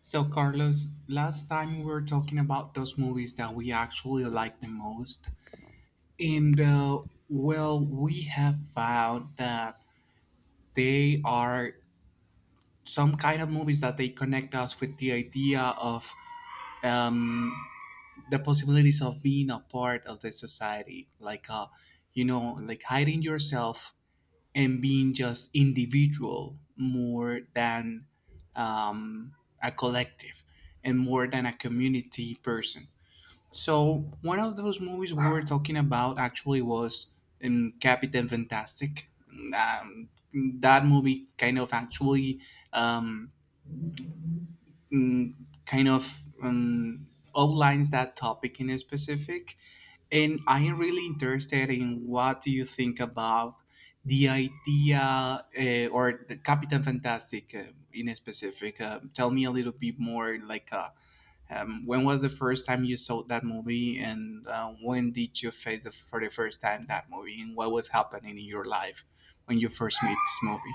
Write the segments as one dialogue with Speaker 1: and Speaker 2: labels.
Speaker 1: So, Carlos, last time we were talking about those movies that we actually like the most. And, uh, well, we have found that they are some kind of movies that they connect us with the idea of um, the possibilities of being a part of the society, like, you know, like hiding yourself and being just individual more than um, a collective and more than a community person. So one of those movies we were talking about actually was in Captain Fantastic. Um, that movie kind of actually um, mm, kind of outlines that topic in specific and I am really interested in what do you think about the idea or the Captain fantastic in specific, tell me a little bit more like when was the first time you saw that movie and when did you face for the first time that movie, and what was happening in your life when you first made this movie.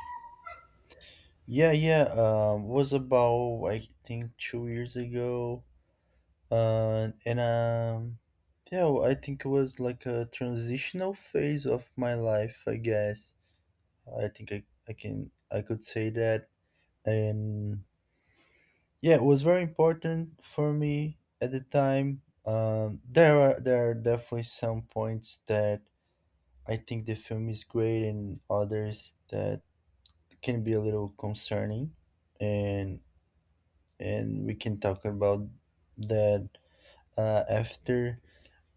Speaker 2: Yeah, yeah. Was about I think 2 years ago. And Yeah, well, I think it was like a transitional phase of my life. I guess I think I can I could say that. And yeah, it was very important for me at the time. There are definitely some points that I think the film is great, and others that can be a little concerning. And and we can talk about that after.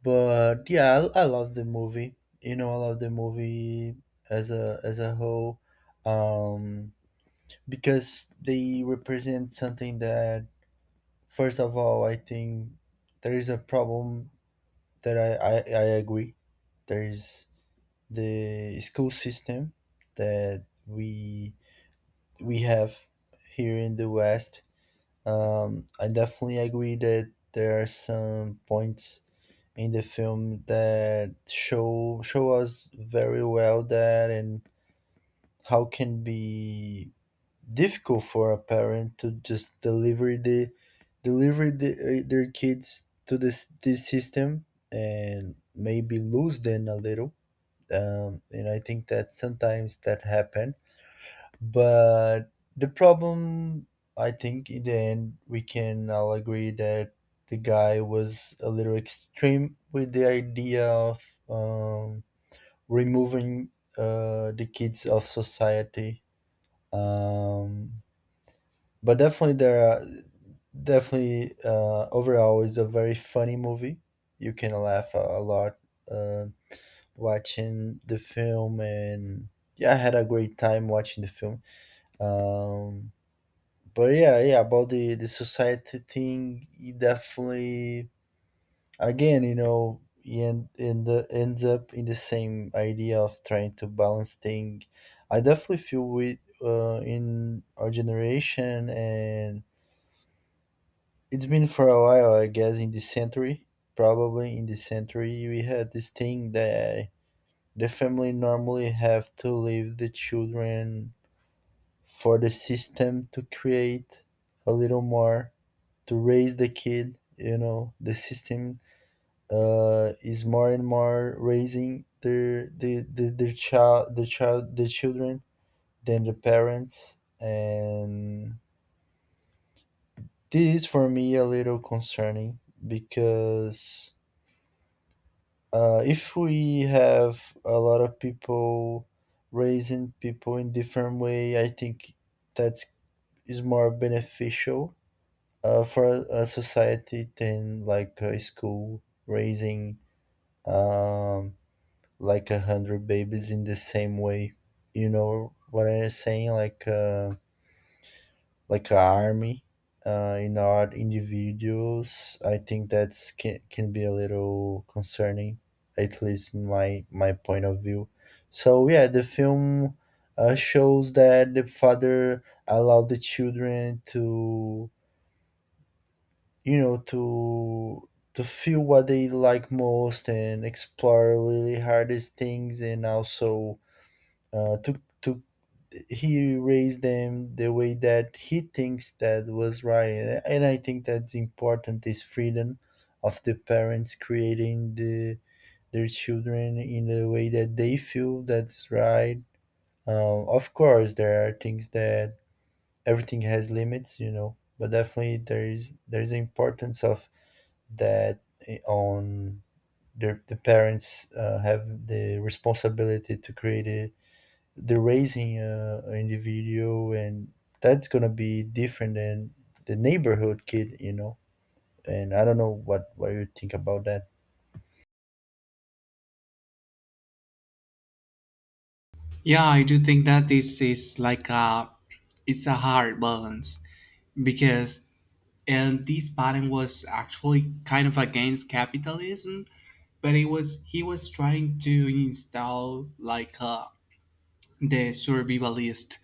Speaker 2: But yeah, I love the movie. You know, I love the movie as a whole, um, because they represent something that first of all, I think there is a problem that I agree. There is the school system that we have here in the West. I definitely agree that there are some points in the film that show us very well that, and how can be difficult for a parent to just deliver their kids to this system and maybe lose them a little. And I think that sometimes that happen, but the problem, I think, in the end, we can all agree that the guy was a little extreme with the idea of removing the kids of society. Um, but definitely, there are definitely overall is a very funny movie. You can laugh a lot uh, watching the film, and yeah, I had a great time watching the film. Um, but yeah, about the society thing, it definitely again, you ends up in the same idea of trying to balance thing. I definitely feel with in our generation, and it's been for a while, I guess, in this century. Probably in this century we had this thing that the family normally have to leave the children for the system to create a little more, to raise the kid. The system is more and more raising their the their child the children than the parents. And this is for me a little concerning because if we have a lot of people raising people in different way, I think that's is more beneficial for a society than like a school raising um, like a hundred babies in the same way. You know what I'm saying? Like an army, in our individuals. I think that's can be a little concerning, at least in my point of view. So yeah, the film shows that the father allowed the children to, you know to to feel what they like most and explore really hardest things, and also to he raised them the way that he thinks that was right. And I think that's important, is freedom of the parents creating the their children in the way that they feel that's right. Of course there are things that everything has limits, you know, but definitely there's the importance of that, on the parents have the responsibility to create a, the raising individual, and that's gonna be different than the neighborhood kid, you know. And I don't know what you think about that.
Speaker 1: Yeah, I do think that this is like a, it's a hard balance because, and this pattern was actually kind of against capitalism, but it was he was trying to install like a the survivalist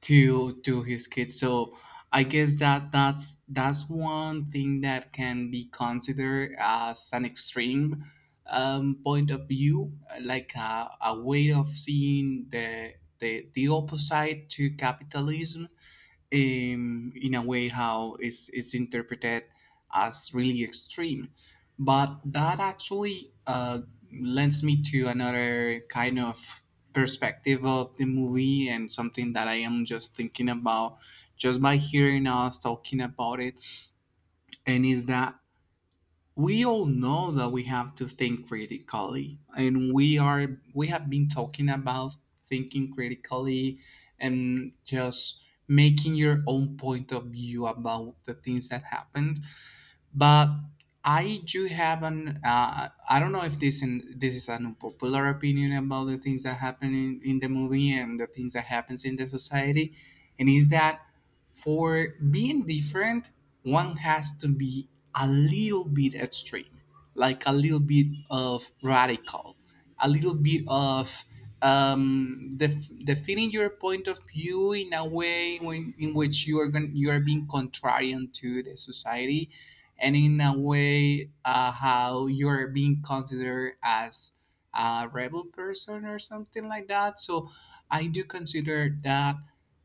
Speaker 1: to his kids. So I guess that's that's one thing that can be considered as an extreme point of view, like a way of seeing the the opposite to capitalism, in a way how is interpreted as really extreme. But that actually lends me to another kind of perspective of the movie and something that I am just thinking about just by hearing us talking about it, and is that we all know that we have to think critically and we are, we have been talking about thinking critically and just making your own point of view about the things that happened. But I do have an I don't know if this in this is an unpopular opinion about the things that happen in the movie and the things that happens in the society, and is that for being different one has to be a little bit extreme, like a little bit of radical, a little bit of defining your point of view in a way in which you are you are being contrarian to the society and in a way how you're being considered as a rebel person or something like that. So I do consider that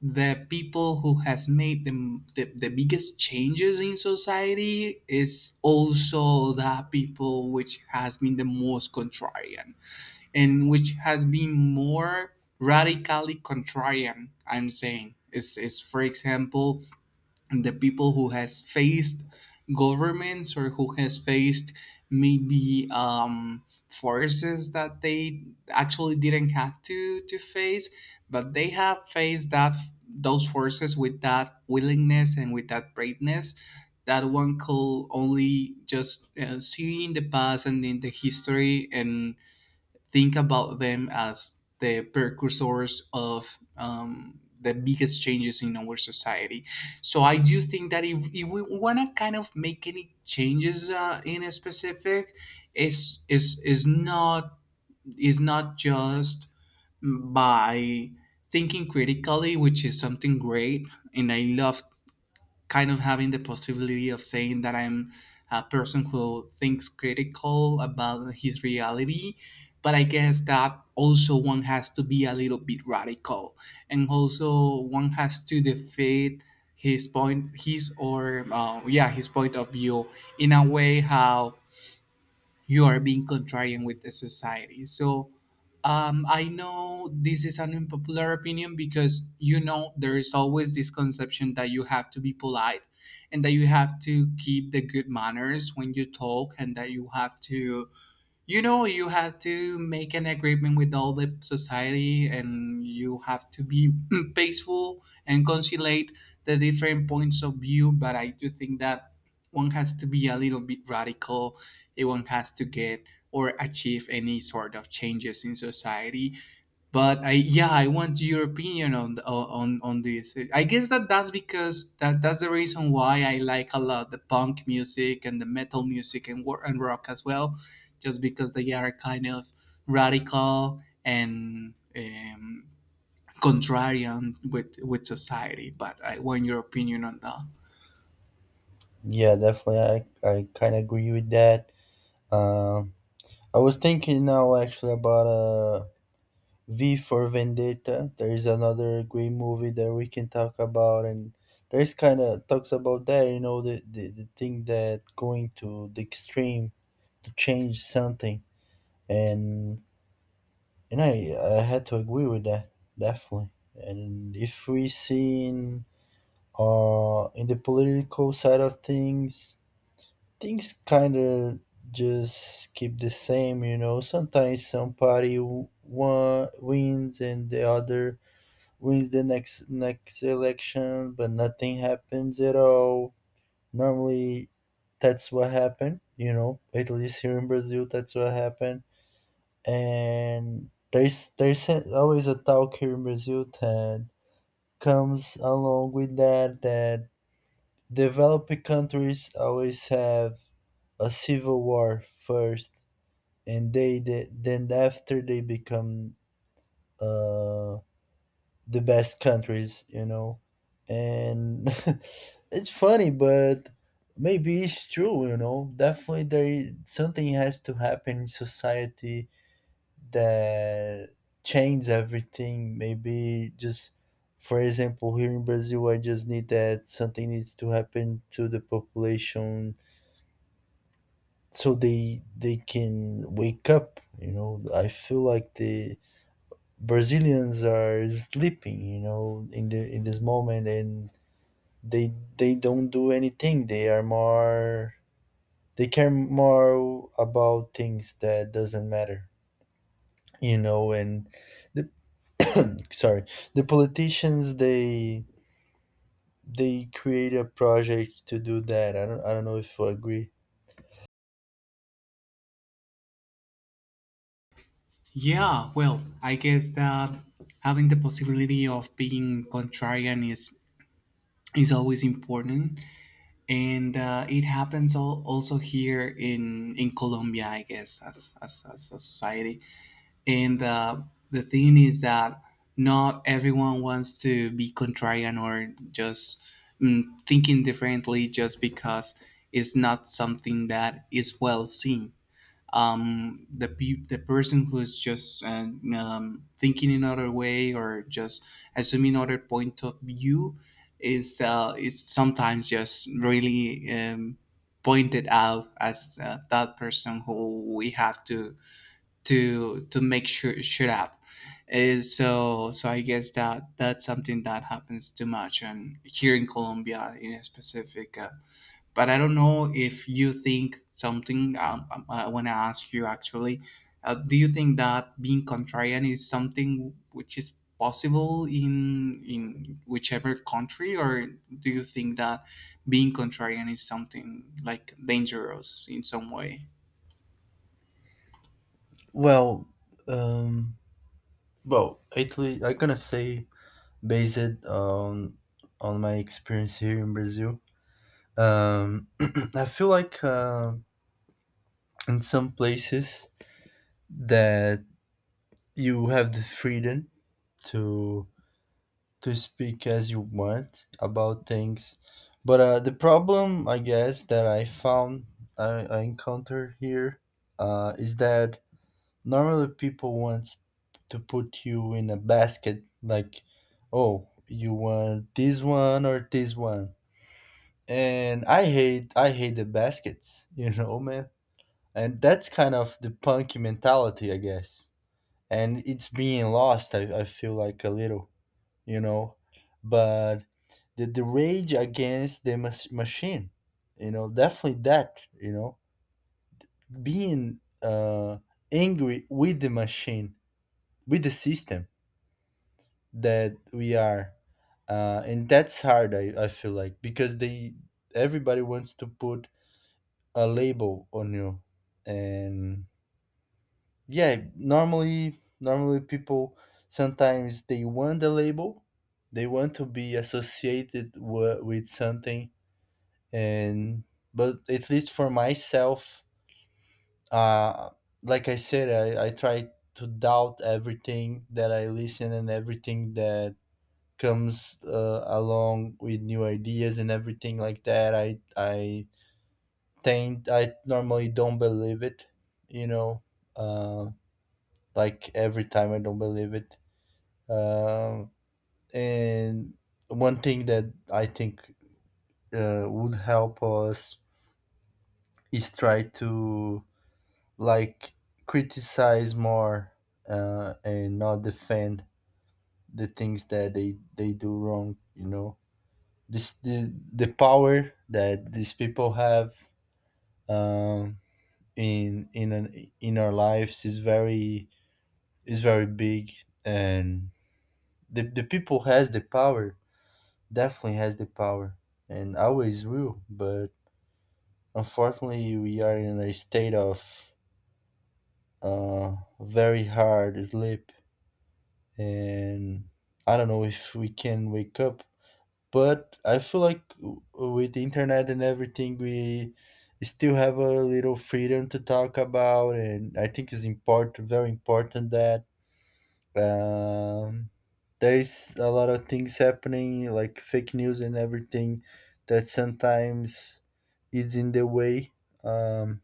Speaker 1: the people who has made the biggest changes in society is also the people which has been the most contrarian and which has been more radically contrarian. I'm saying is, for example, the people who has faced governments or who has faced maybe forces that they actually didn't have to face, but they have faced that those forces with that willingness and with that braveness that one could only just see in the past and in the history and think about them as the precursors of the biggest changes in our society. So I do think that if we want to kind of make any changes in a specific, is not, is not just by thinking critically, which is something great, and I love kind of having the possibility of saying that I'm a person who thinks critical about his reality. But I guess that also one has to be a little bit radical, and also one has to defeat his point, his or yeah, his point of view in a way how you are being contrarian with the society. So I know this is an unpopular opinion because, you know, there is always this conception that you have to be polite and that you have to keep the good manners when you talk, and that you have to, you know, you have to make an agreement with all the society, and you have to be peaceful and conciliate the different points of view. But I do think that one has to be a little bit radical if one has to get or achieve any sort of changes in society. But I, yeah, I want your opinion on the, on this. I guess that that's because that that's the reason why I like a lot the punk music and the metal music and war and rock as well, just because they are kind of radical and contrarian with society. But I want your opinion on that.
Speaker 2: Yeah, definitely, I kind of agree with that. um I was thinking now actually about V for Vendetta. There is another great movie that we can talk about, and there's kind of talks about that. You know, the, the thing that going to the extreme to change something, and and I had to agree with that definitely. And if we see in the political side of things, things kind of just keep the same. You know, sometimes some party one wins and the other wins the next election, but nothing happens at all. Normally, that's what happened. You know, at least here in Brazil, that's what happened. And there's always a talk here in Brazil that comes along with that, developing countries always have a civil war first, and they then after they become uh the best countries, you know. And it's funny, but maybe it's true, you know. Definitely there is something has to happen in society that changes everything. Maybe just for example, here in Brazil, I just need that something needs to happen to the population so they can wake up, you know. I feel like the Brazilians are sleeping, you know, in the in this moment, and they don't do anything. They are more, they care more about things that doesn't matter, you know. And the sorry, the politicians, they create a project to do that. I don't know if you agree.
Speaker 1: Yeah, well, I guess that having the possibility of being contrarian is always important, and it happens also here in Colombia, I guess, as a society. And the thing is that not everyone wants to be contrarian or just thinking differently just because it's not something that is well seen. The person who is just thinking another way or just assuming other point of view is sometimes just really pointed out as that person who we have to make sure shut up. So so I guess that that's something that happens too much and here in Colombia in a specific. But I don't know if you think something. I want to ask you actually. Do you think that being contrarian is something which is possible in whichever country, or do you think that being contrarian is something like dangerous in some way?
Speaker 2: Well, um, well, Italy. I'm gonna say based on my experience here in Brazil. Um, I feel like in some places that you have the freedom to speak as you want about things, but the problem I guess that I encounter here is that normally people want to put you in a basket like, oh, you want this one or this one, and I hate the baskets, you know, man. And that's kind of the punk mentality, I guess, and it's being lost, I feel like a little, you know. But the rage against the machine, you know, definitely that, you know, being angry with the machine, with the system that we are and that's hard, I feel like, because they everybody wants to put a label on you. And yeah, normally people sometimes they want the label, they want to be associated with something. And but at least for myself uh like I said, I try to doubt everything that I listen and everything that comes along with new ideas and everything like that. I think I normally don't believe it, you know. uh like every time I don't believe it. Um, and one thing that I think would help us is try to like criticize more and not defend the things that they do wrong. You know, this the power that these people have um, in in our lives is very big, and the people has the power, definitely has the power, and always will, but unfortunately, we are in a state of very hard sleep, and I don't know if we can wake up. But I feel like with the internet and everything, we still have a little freedom to talk about, and I think it's important, very important that. Um, there's a lot of things happening, like fake news and everything, that sometimes is in the way. Um,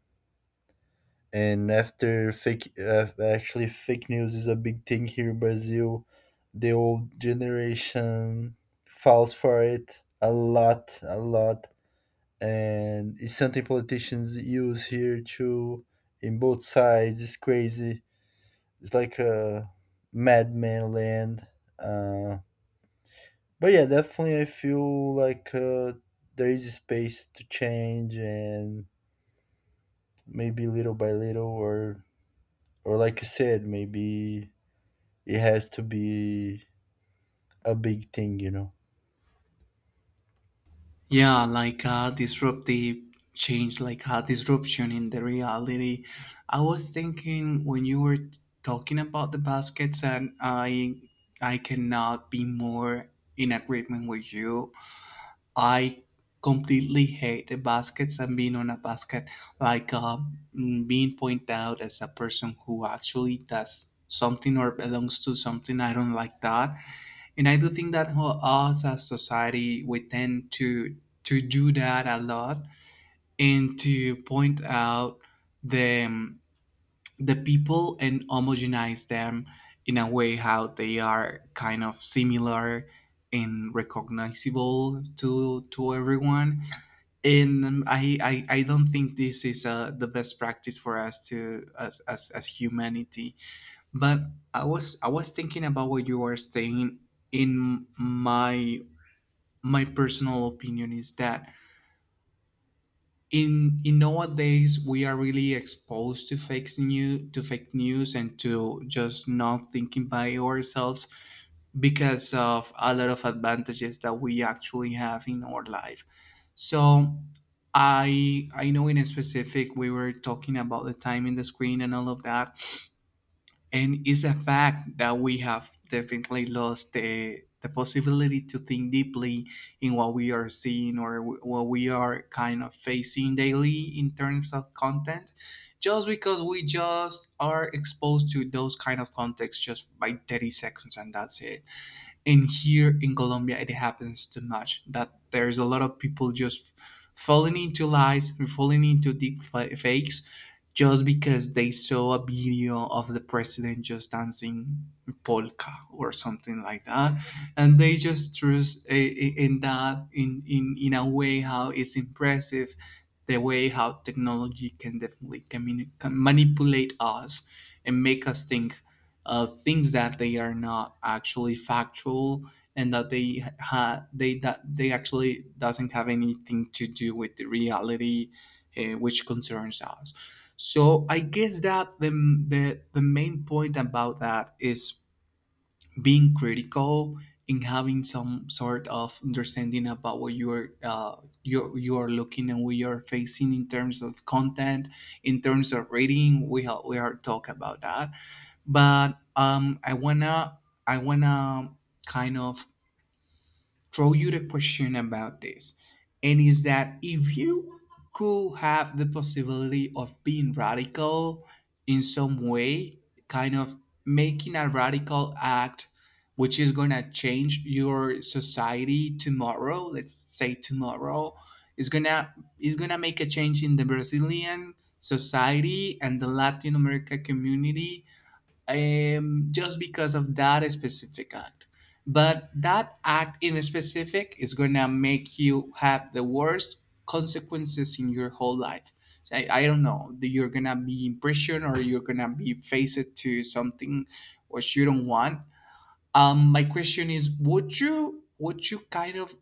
Speaker 2: and after fake, actually, fake news is a big thing here in Brazil. The old generation falls for it a lot, and it's something politicians use here too. In both sides, it's crazy, it's like a madman land. Uh, but yeah, definitely I feel like there is a space to change, and maybe little by little or like you said, maybe it has to be a big thing, you know.
Speaker 1: Yeah, like a disruptive change, like a disruption in the reality. I was thinking when you were talking about the baskets and I cannot be more in agreement with you. I completely hate the baskets and being on a basket. Like being pointed out as a person who actually does something or belongs to something. I don't like that. And I do think that us as society, we tend to do that a lot and to point out the um, the people and homogenize them in a way how they are kind of similar and recognizable to everyone. And I don't think this is the best practice for us to as humanity. But I was thinking about what you were saying. In my my personal opinion is that in nowadays we are really exposed to fake news, and to just not thinking by ourselves because of a lot of advantages that we actually have in our life. So I know in a specific we were talking about the time in the screen and all of that, and it's a fact that we have definitely lost the possibility to think deeply in what we are seeing or what we are kind of facing daily in terms of content, just because we just are exposed to those kind of contexts just by 30 seconds and that's it. And here in Colombia it happens too much that there's a lot of people just falling into lies, falling into deep fakes just because they saw a video of the president just dancing polka or something like that, and they just trust in that in a way how it's impressive the way how technology can definitely can manipulate us and make us think things that they are not actually factual and that they that they actually doesn't have anything to do with the reality, which concerns us. So I guess that the main point about that is being critical and having some sort of understanding about what you are you you are looking and what you are facing in terms of content, in terms of reading. We are talk about that, but I wanna kind of throw you the question about this, and is that if you could have the possibility of being radical in some way, kind of making a radical act which is going to change your society tomorrow, let's say tomorrow, is going to, is going to make a change in the Brazilian society and the Latin America community, just because of that specific act. But that act in specific is gonna make you have the worst consequences in your whole life. So I don't know. That You're gonna be in prison or you're gonna be faced to something which you don't want. My question is, would you kind of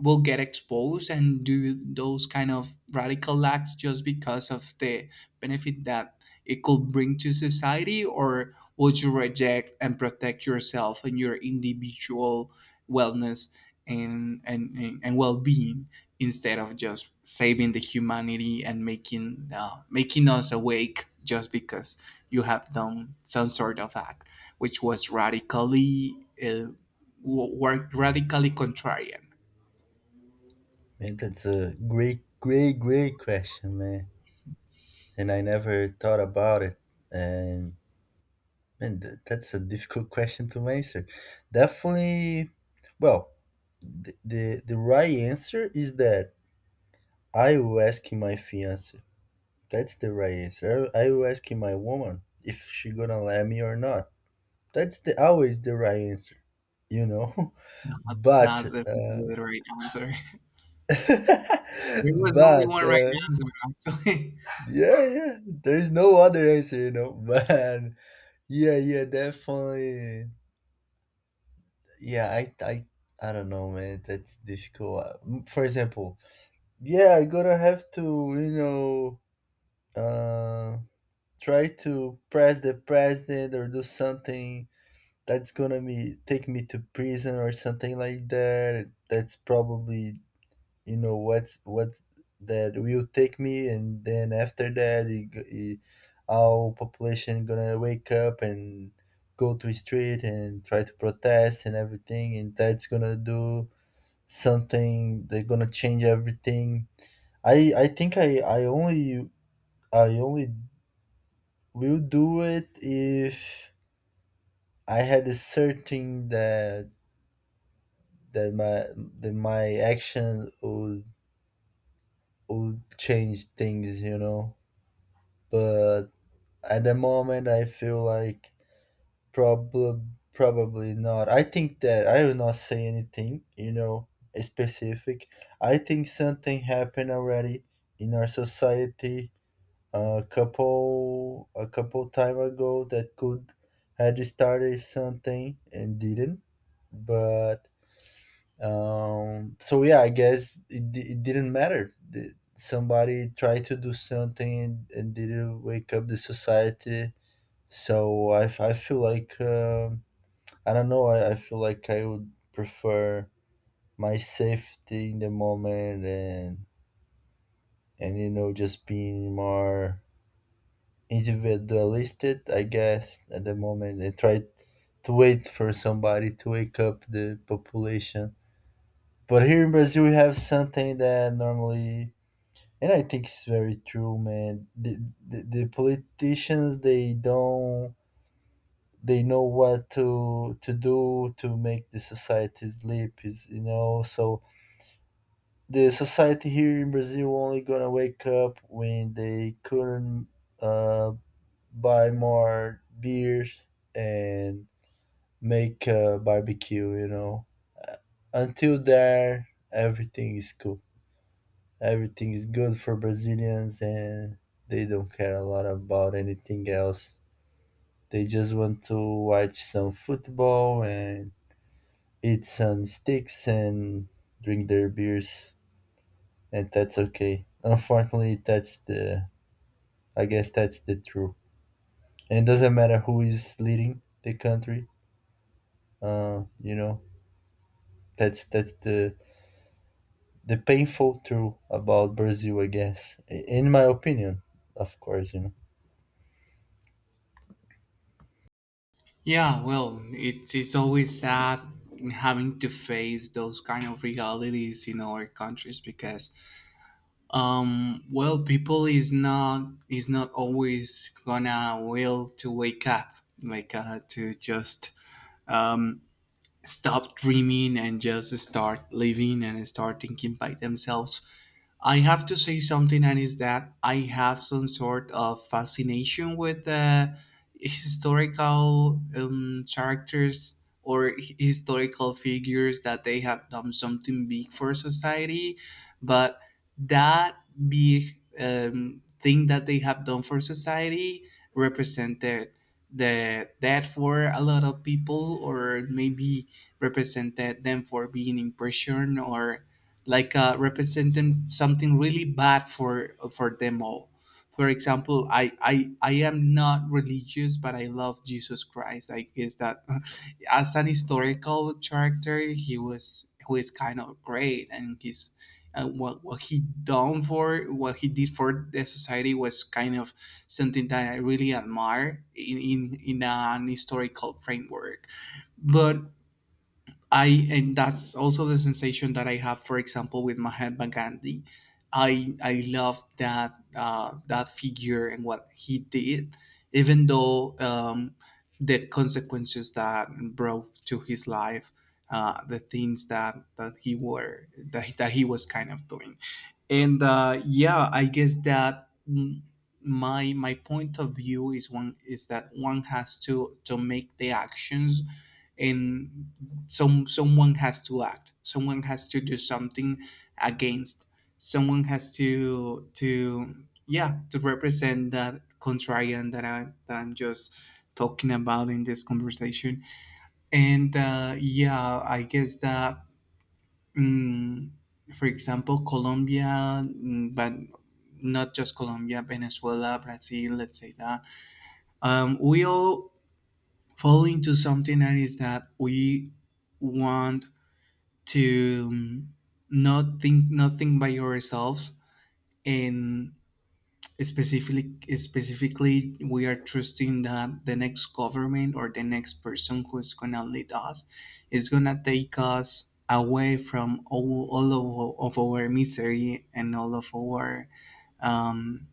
Speaker 1: will get exposed and do those kind of radical acts just because of the benefit that it could bring to society, or would you reject and protect yourself and your individual wellness and well-being instead of just saving the humanity and making making us awake just because you have done some sort of act which was radically uh, work radically contrarian.
Speaker 2: Man, that's a great, great, great question, man. And I never thought about it. And man, that's a difficult question to answer. Definitely, well, the, the right answer is that I will ask my fiance. That's the right answer. I will ask my woman if she gonna let me or not. That's the always the right answer, you know.
Speaker 1: That's
Speaker 2: But
Speaker 1: definitely the right answer. There was only
Speaker 2: but
Speaker 1: one right answer, actually.
Speaker 2: yeah, yeah. There's no other answer, you know. But yeah, yeah, definitely. Yeah, I don't know, man. That's difficult. For example, yeah, I'm gonna have to, you know. uh. Try to press the president or do something that's gonna be take me to prison or something like that, that's probably, you know, what's that will take me, and then after that it, our population gonna wake up and go to the street and try to protest and everything, and that's gonna do something, they're gonna change everything. I i think i i only i only will do it if I had a certain that that my that my action would change things, you know. But at the moment, I feel like probably probably not. I think that I will not say anything, you know, specific. I think something happened already in our society a couple time ago that could had started something and didn't, but so yeah, I guess it didn't matter. Somebody tried to do something and, didn't wake up the society. So I feel like I don't know. I feel like I would prefer my safety in the moment, and you know, just being more individualistic, I guess, at the moment, and try to wait for somebody to wake up the population. But here in Brazil we have something that normally. And I think it's very true, man. The politicians, they don't, they know what to do to make the society sleep is, you know, so the society here in Brazil only gonna wake up when they couldn't uh, buy more beers and make a barbecue, you know. Uh, until there, everything is cool, everything is good for Brazilians, and they don't care a lot about anything else. They just want to watch some football and eat some sticks and drink their beers, and that's okay. Unfortunately, that's the I guess that's the truth. And it doesn't matter who is leading the country. You know, that's the painful truth about Brazil, I guess. In my opinion, of course, you know.
Speaker 1: Yeah, well, it is always sad having to face those kind of realities in our countries because, well, people is not always gonna will to wake up, to just um stop dreaming and just start living and start thinking by themselves. I have to say something, and is that I have some sort of fascination with historical characters or historical figures that they have done something big for society, but that big thing that they have done for society represented the death for a lot of people, or maybe represented them for being in prison or representing something really bad for them all. For example, I I am not religious, but I love Jesus Christ. I guess that as an historical character, he was who is kind of great, and he's what he did for the society was kind of something that I really admire in in an historical framework. But I and that's also the sensation that I have, for example, with Mahatma Gandhi. I love that that figure and what he did, even though the consequences that brought to his life, the things that that he were that he was kind of doing. And yeah, I guess that my point of view is one is that one has to make the actions, and someone has to act, someone has to do something against, someone has to yeah, to represent that contrarian that I'm just talking about in this conversation. And yeah, I guess that Mm, for example, Colombia, but not just Colombia, Venezuela, Brazil, let's say that. We all fall into something that is that we want to not think nothing by yourselves, and specifically specifically we are trusting that the next government or the next person who's gonna lead us is gonna take us away from all of our misery and all of our um,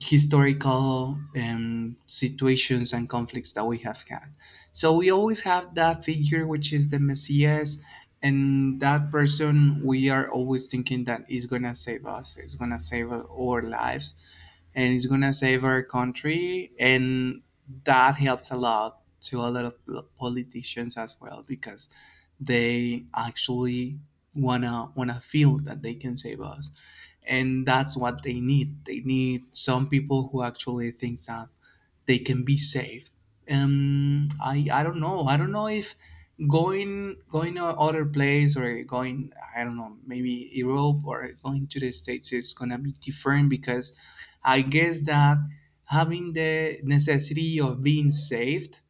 Speaker 1: historical situations and conflicts that we have had. So we always have that figure, which is the Messias, and that person we are always thinking that is gonna save us, is gonna save our lives, and is gonna save our country, and that helps a lot to a lot of politicians as well, because they actually wanna feel that they can save us, and that's what they need. They need some people who actually thinks that they can be saved. I don't know, I don't know if going to other place or going, I don't know, maybe Europe or going to the States, it's gonna be different, because I guess that having the necessity of being saved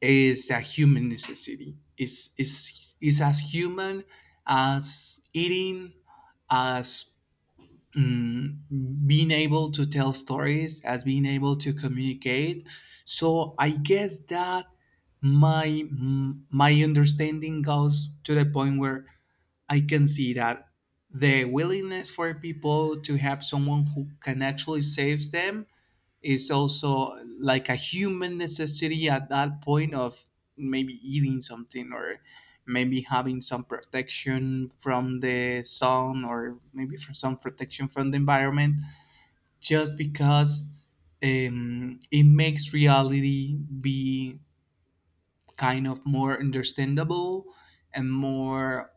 Speaker 1: is a human necessity. It's is as human as eating, as being able to tell stories, as being able to communicate. So I guess that my my understanding goes to the point where I can see that the willingness for people to have someone who can actually save them is also like a human necessity at that point of maybe eating something, or maybe having some protection from the sun, or maybe for some protection from the environment, just because it makes reality be kind of more understandable and more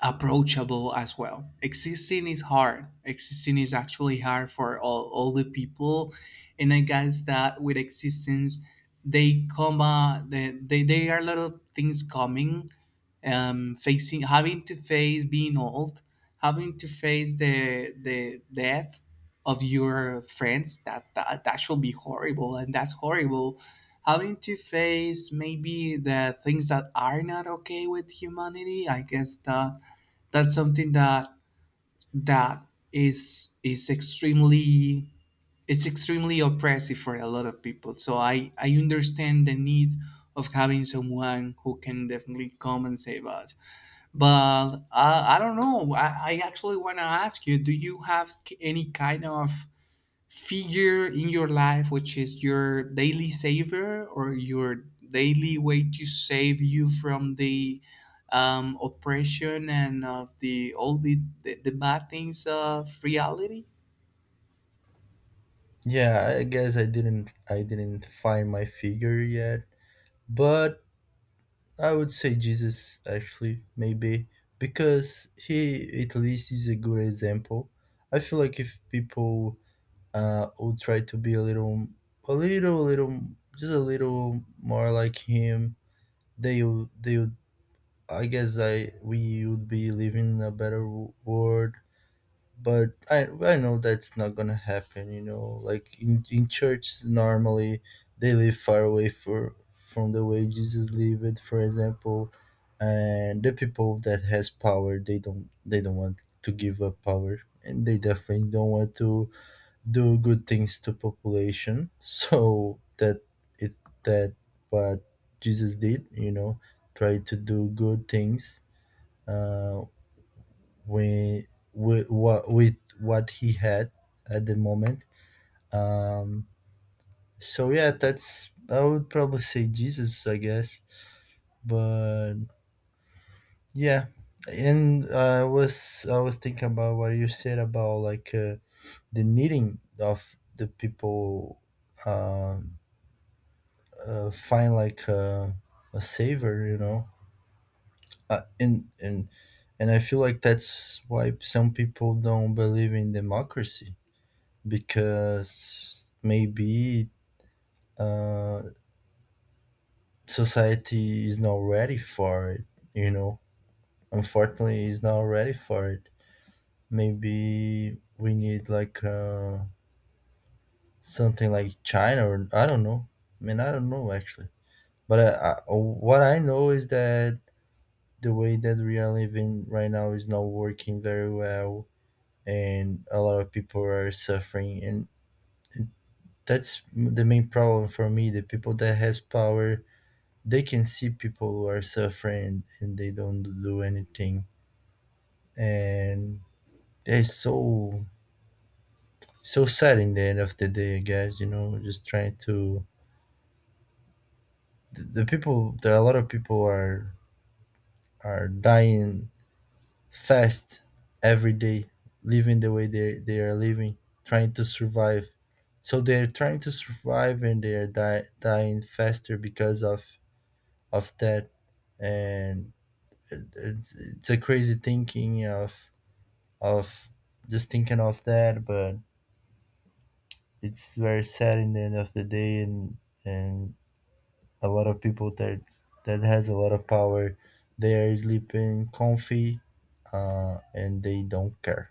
Speaker 1: approachable as well. Existing is hard. Existing is actually hard for all the people. And I guess that with existence, they come, they are a lot of things coming, facing, having to face being old, having to face the death of your friends. That should be horrible. And that's horrible. Having to face maybe the things that are not okay with humanity. I guess that that's something that that is extremely, it's extremely oppressive for a lot of people. So I understand the need of having someone who can definitely come and save us. But I don't know I actually want to ask you, do you have any kind of figure in your life which is your daily saver, or your daily way to save you from the oppression and of the all the bad things of reality?
Speaker 2: Yeah, I guess I didn't find my figure yet, but I would say Jesus, actually. Maybe because he at least is a good example. I feel like if people would try to be a little, just a little more like him, they would, I guess I we would be living in a better world. But I know that's not gonna happen. You know, like in church normally they live far away for from the way Jesus lived, for example, and the people that has power, they don't, they don't want to give up power, and they definitely don't want to do good things to population. So that it that what Jesus did, you know, try to do good things. Uh, with, with what he had at the moment. Um, so yeah, that's I would probably say Jesus, I guess. But yeah, and I was thinking about what you said about, like, the needing of the people, uh, find, like, a savior, you know. Uh, and and and I feel like that's why some people don't believe in democracy because maybe uh, society is not ready for it. You know, unfortunately, is not ready for it. Maybe we need, like, something like China, or I don't know. I mean, I don't know, actually. But what I know is that the way that we are living right now is not working very well, and a lot of people are suffering. And that's the main problem for me. The people that has power, they can see people who are suffering and they don't do anything, and yeah, it's so so sad in the end of the day, guys, you know, just trying to, the people, there are a lot of people are dying fast every day, living the way they are living, trying to survive. So they're trying to survive and they're dying faster because of that. And it's a crazy thinking of, just thinking of that. But it's very sad in the end of the day. And a lot of people that that has a lot of power, they are sleeping comfy, and they don't care.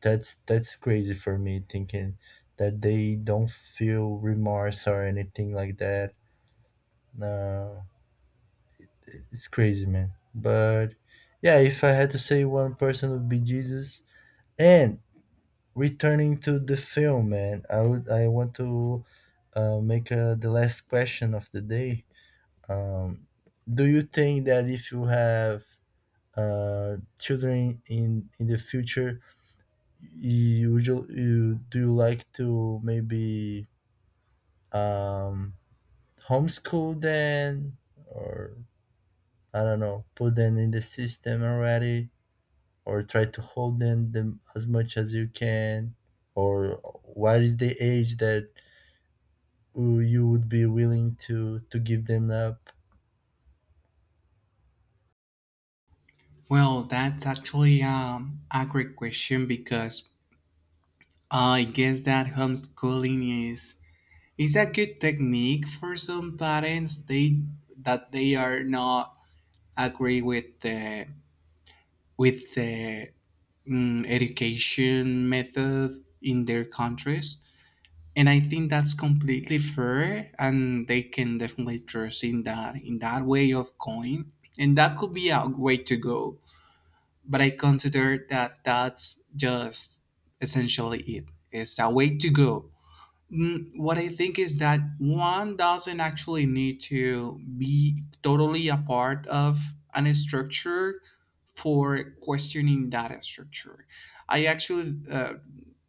Speaker 2: That's crazy for me, thinking that they don't feel remorse or anything like that. No, it's crazy, man. But yeah, if I had to say one person, would be Jesus. And returning to the film, man, I want to make the last question of the day. Um, do you think that if you have children in the future, you, would you, you do you like to maybe um, homeschool them, or I don't know, put them in the system already, or try to hold them, them as much as you can, or what is the age that who you would be willing to give them up?
Speaker 1: Well, that's actually a great question, because I guess that homeschooling is a good technique for some parents, they that they are not agree with the education method in their countries. And I think that's completely fair, and they can definitely trust in that, in that way of going, and that could be a way to go. But I consider that that's just essentially it. It's a way to go. What I think is that one doesn't actually need to be totally a part of an structure for questioning that structure. I actually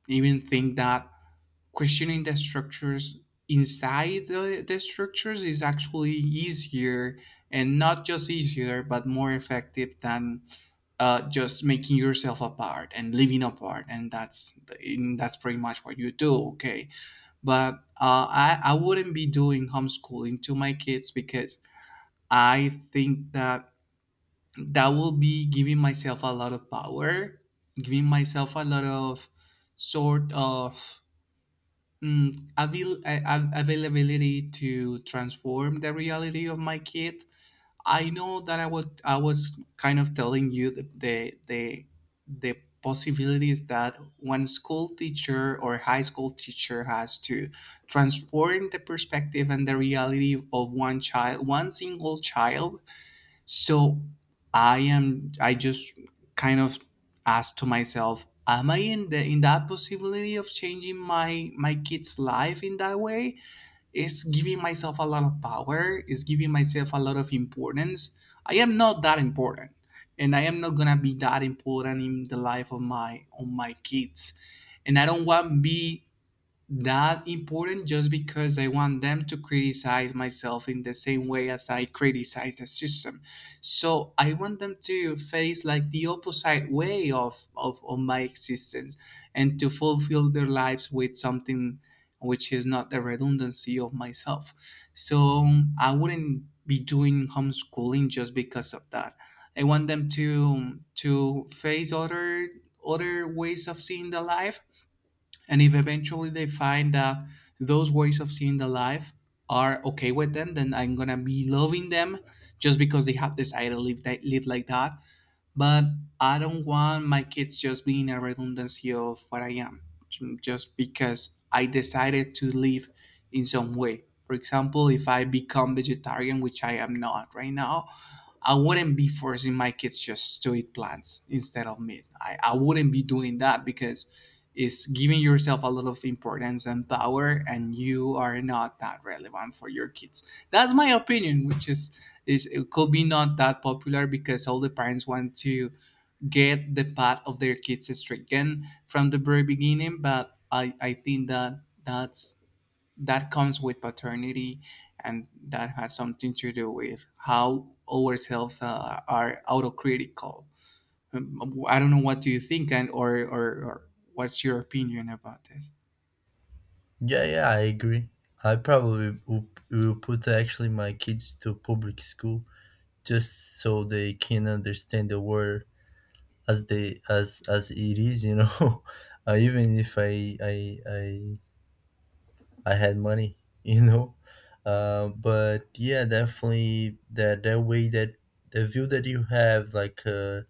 Speaker 1: even think that questioning the structures inside the structures is actually easier, and not just easier but more effective than just making yourself apart and living apart, and that's pretty much what you do. Okay, but I wouldn't be doing homeschooling to my kids, because I think that that will be giving myself a lot of power, giving myself a lot of sort of availability to transform the reality of my kid. I know that I was kind of telling you the possibilities that one school teacher or high school teacher has to transform the perspective and the reality of one child, one single child. So I am I just kind of asked to myself, am I in the in that possibility of changing my kid's life in that way? It's giving myself a lot of power, it's giving myself a lot of importance. I am not that important, and I am not gonna be that important in the life of my kids, and I don't want be that important, just because I want them to criticize myself in the same way as I criticize the system. So I want them to face like the opposite way of my existence, and to fulfill their lives with something which is not the redundancy of myself. So I wouldn't be doing homeschooling just because of that. I want them to face other ways of seeing the life, and if eventually they find that those ways of seeing the life are okay with them, then I'm gonna be loving them just because they have decided to live like that. But I don't want my kids just being a redundancy of what I am, just because I decided to live in some way. For example, if I become vegetarian, which I am not right now, I wouldn't be forcing my kids just to eat plants instead of meat. I wouldn't be doing that because it's giving yourself a lot of importance and power, and you are not that relevant for your kids. That's my opinion, which is it could be not that popular, because all the parents want to get the path of their kids stricken from the very beginning. But I think that that's that comes with paternity, and that has something to do with how ourselves are autocritical. Um, I don't know, what do you think? And Or, or what's your opinion about this?
Speaker 2: Yeah, yeah, I agree. I probably will put actually my kids to public school just so they can understand the world as they as it is, you know. Even if I had money, you know. But yeah, definitely that way that the view that you have, like,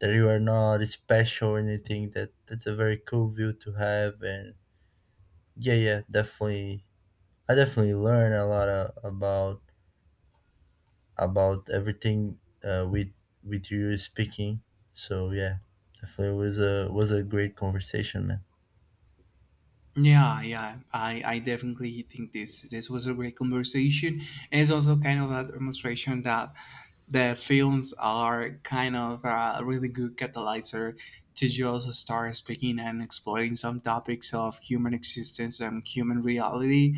Speaker 2: that you are not special or anything, that that's a very cool view to have. And yeah, yeah, definitely, I definitely learn a lot about everything uh, with with you speaking. So yeah, definitely was a great conversation, man.
Speaker 1: Yeah, yeah, I definitely think this was a great conversation, and it's also kind of a demonstration that the films are kind of a really good catalyzer to just start speaking and exploring some topics of human existence and human reality.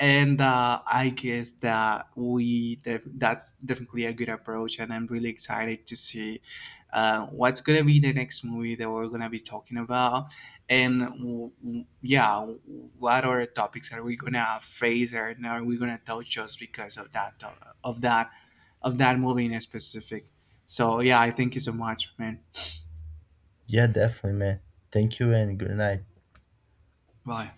Speaker 1: And I guess that that's definitely a good approach, and I'm really excited to see what's gonna be the next movie that we're gonna be talking about, and yeah, what other topics are we gonna face, and are we gonna touch just because of that of that movie in specific. So yeah, I thank you so much, man.
Speaker 2: Yeah, definitely, man. Thank you and good night.
Speaker 1: Bye.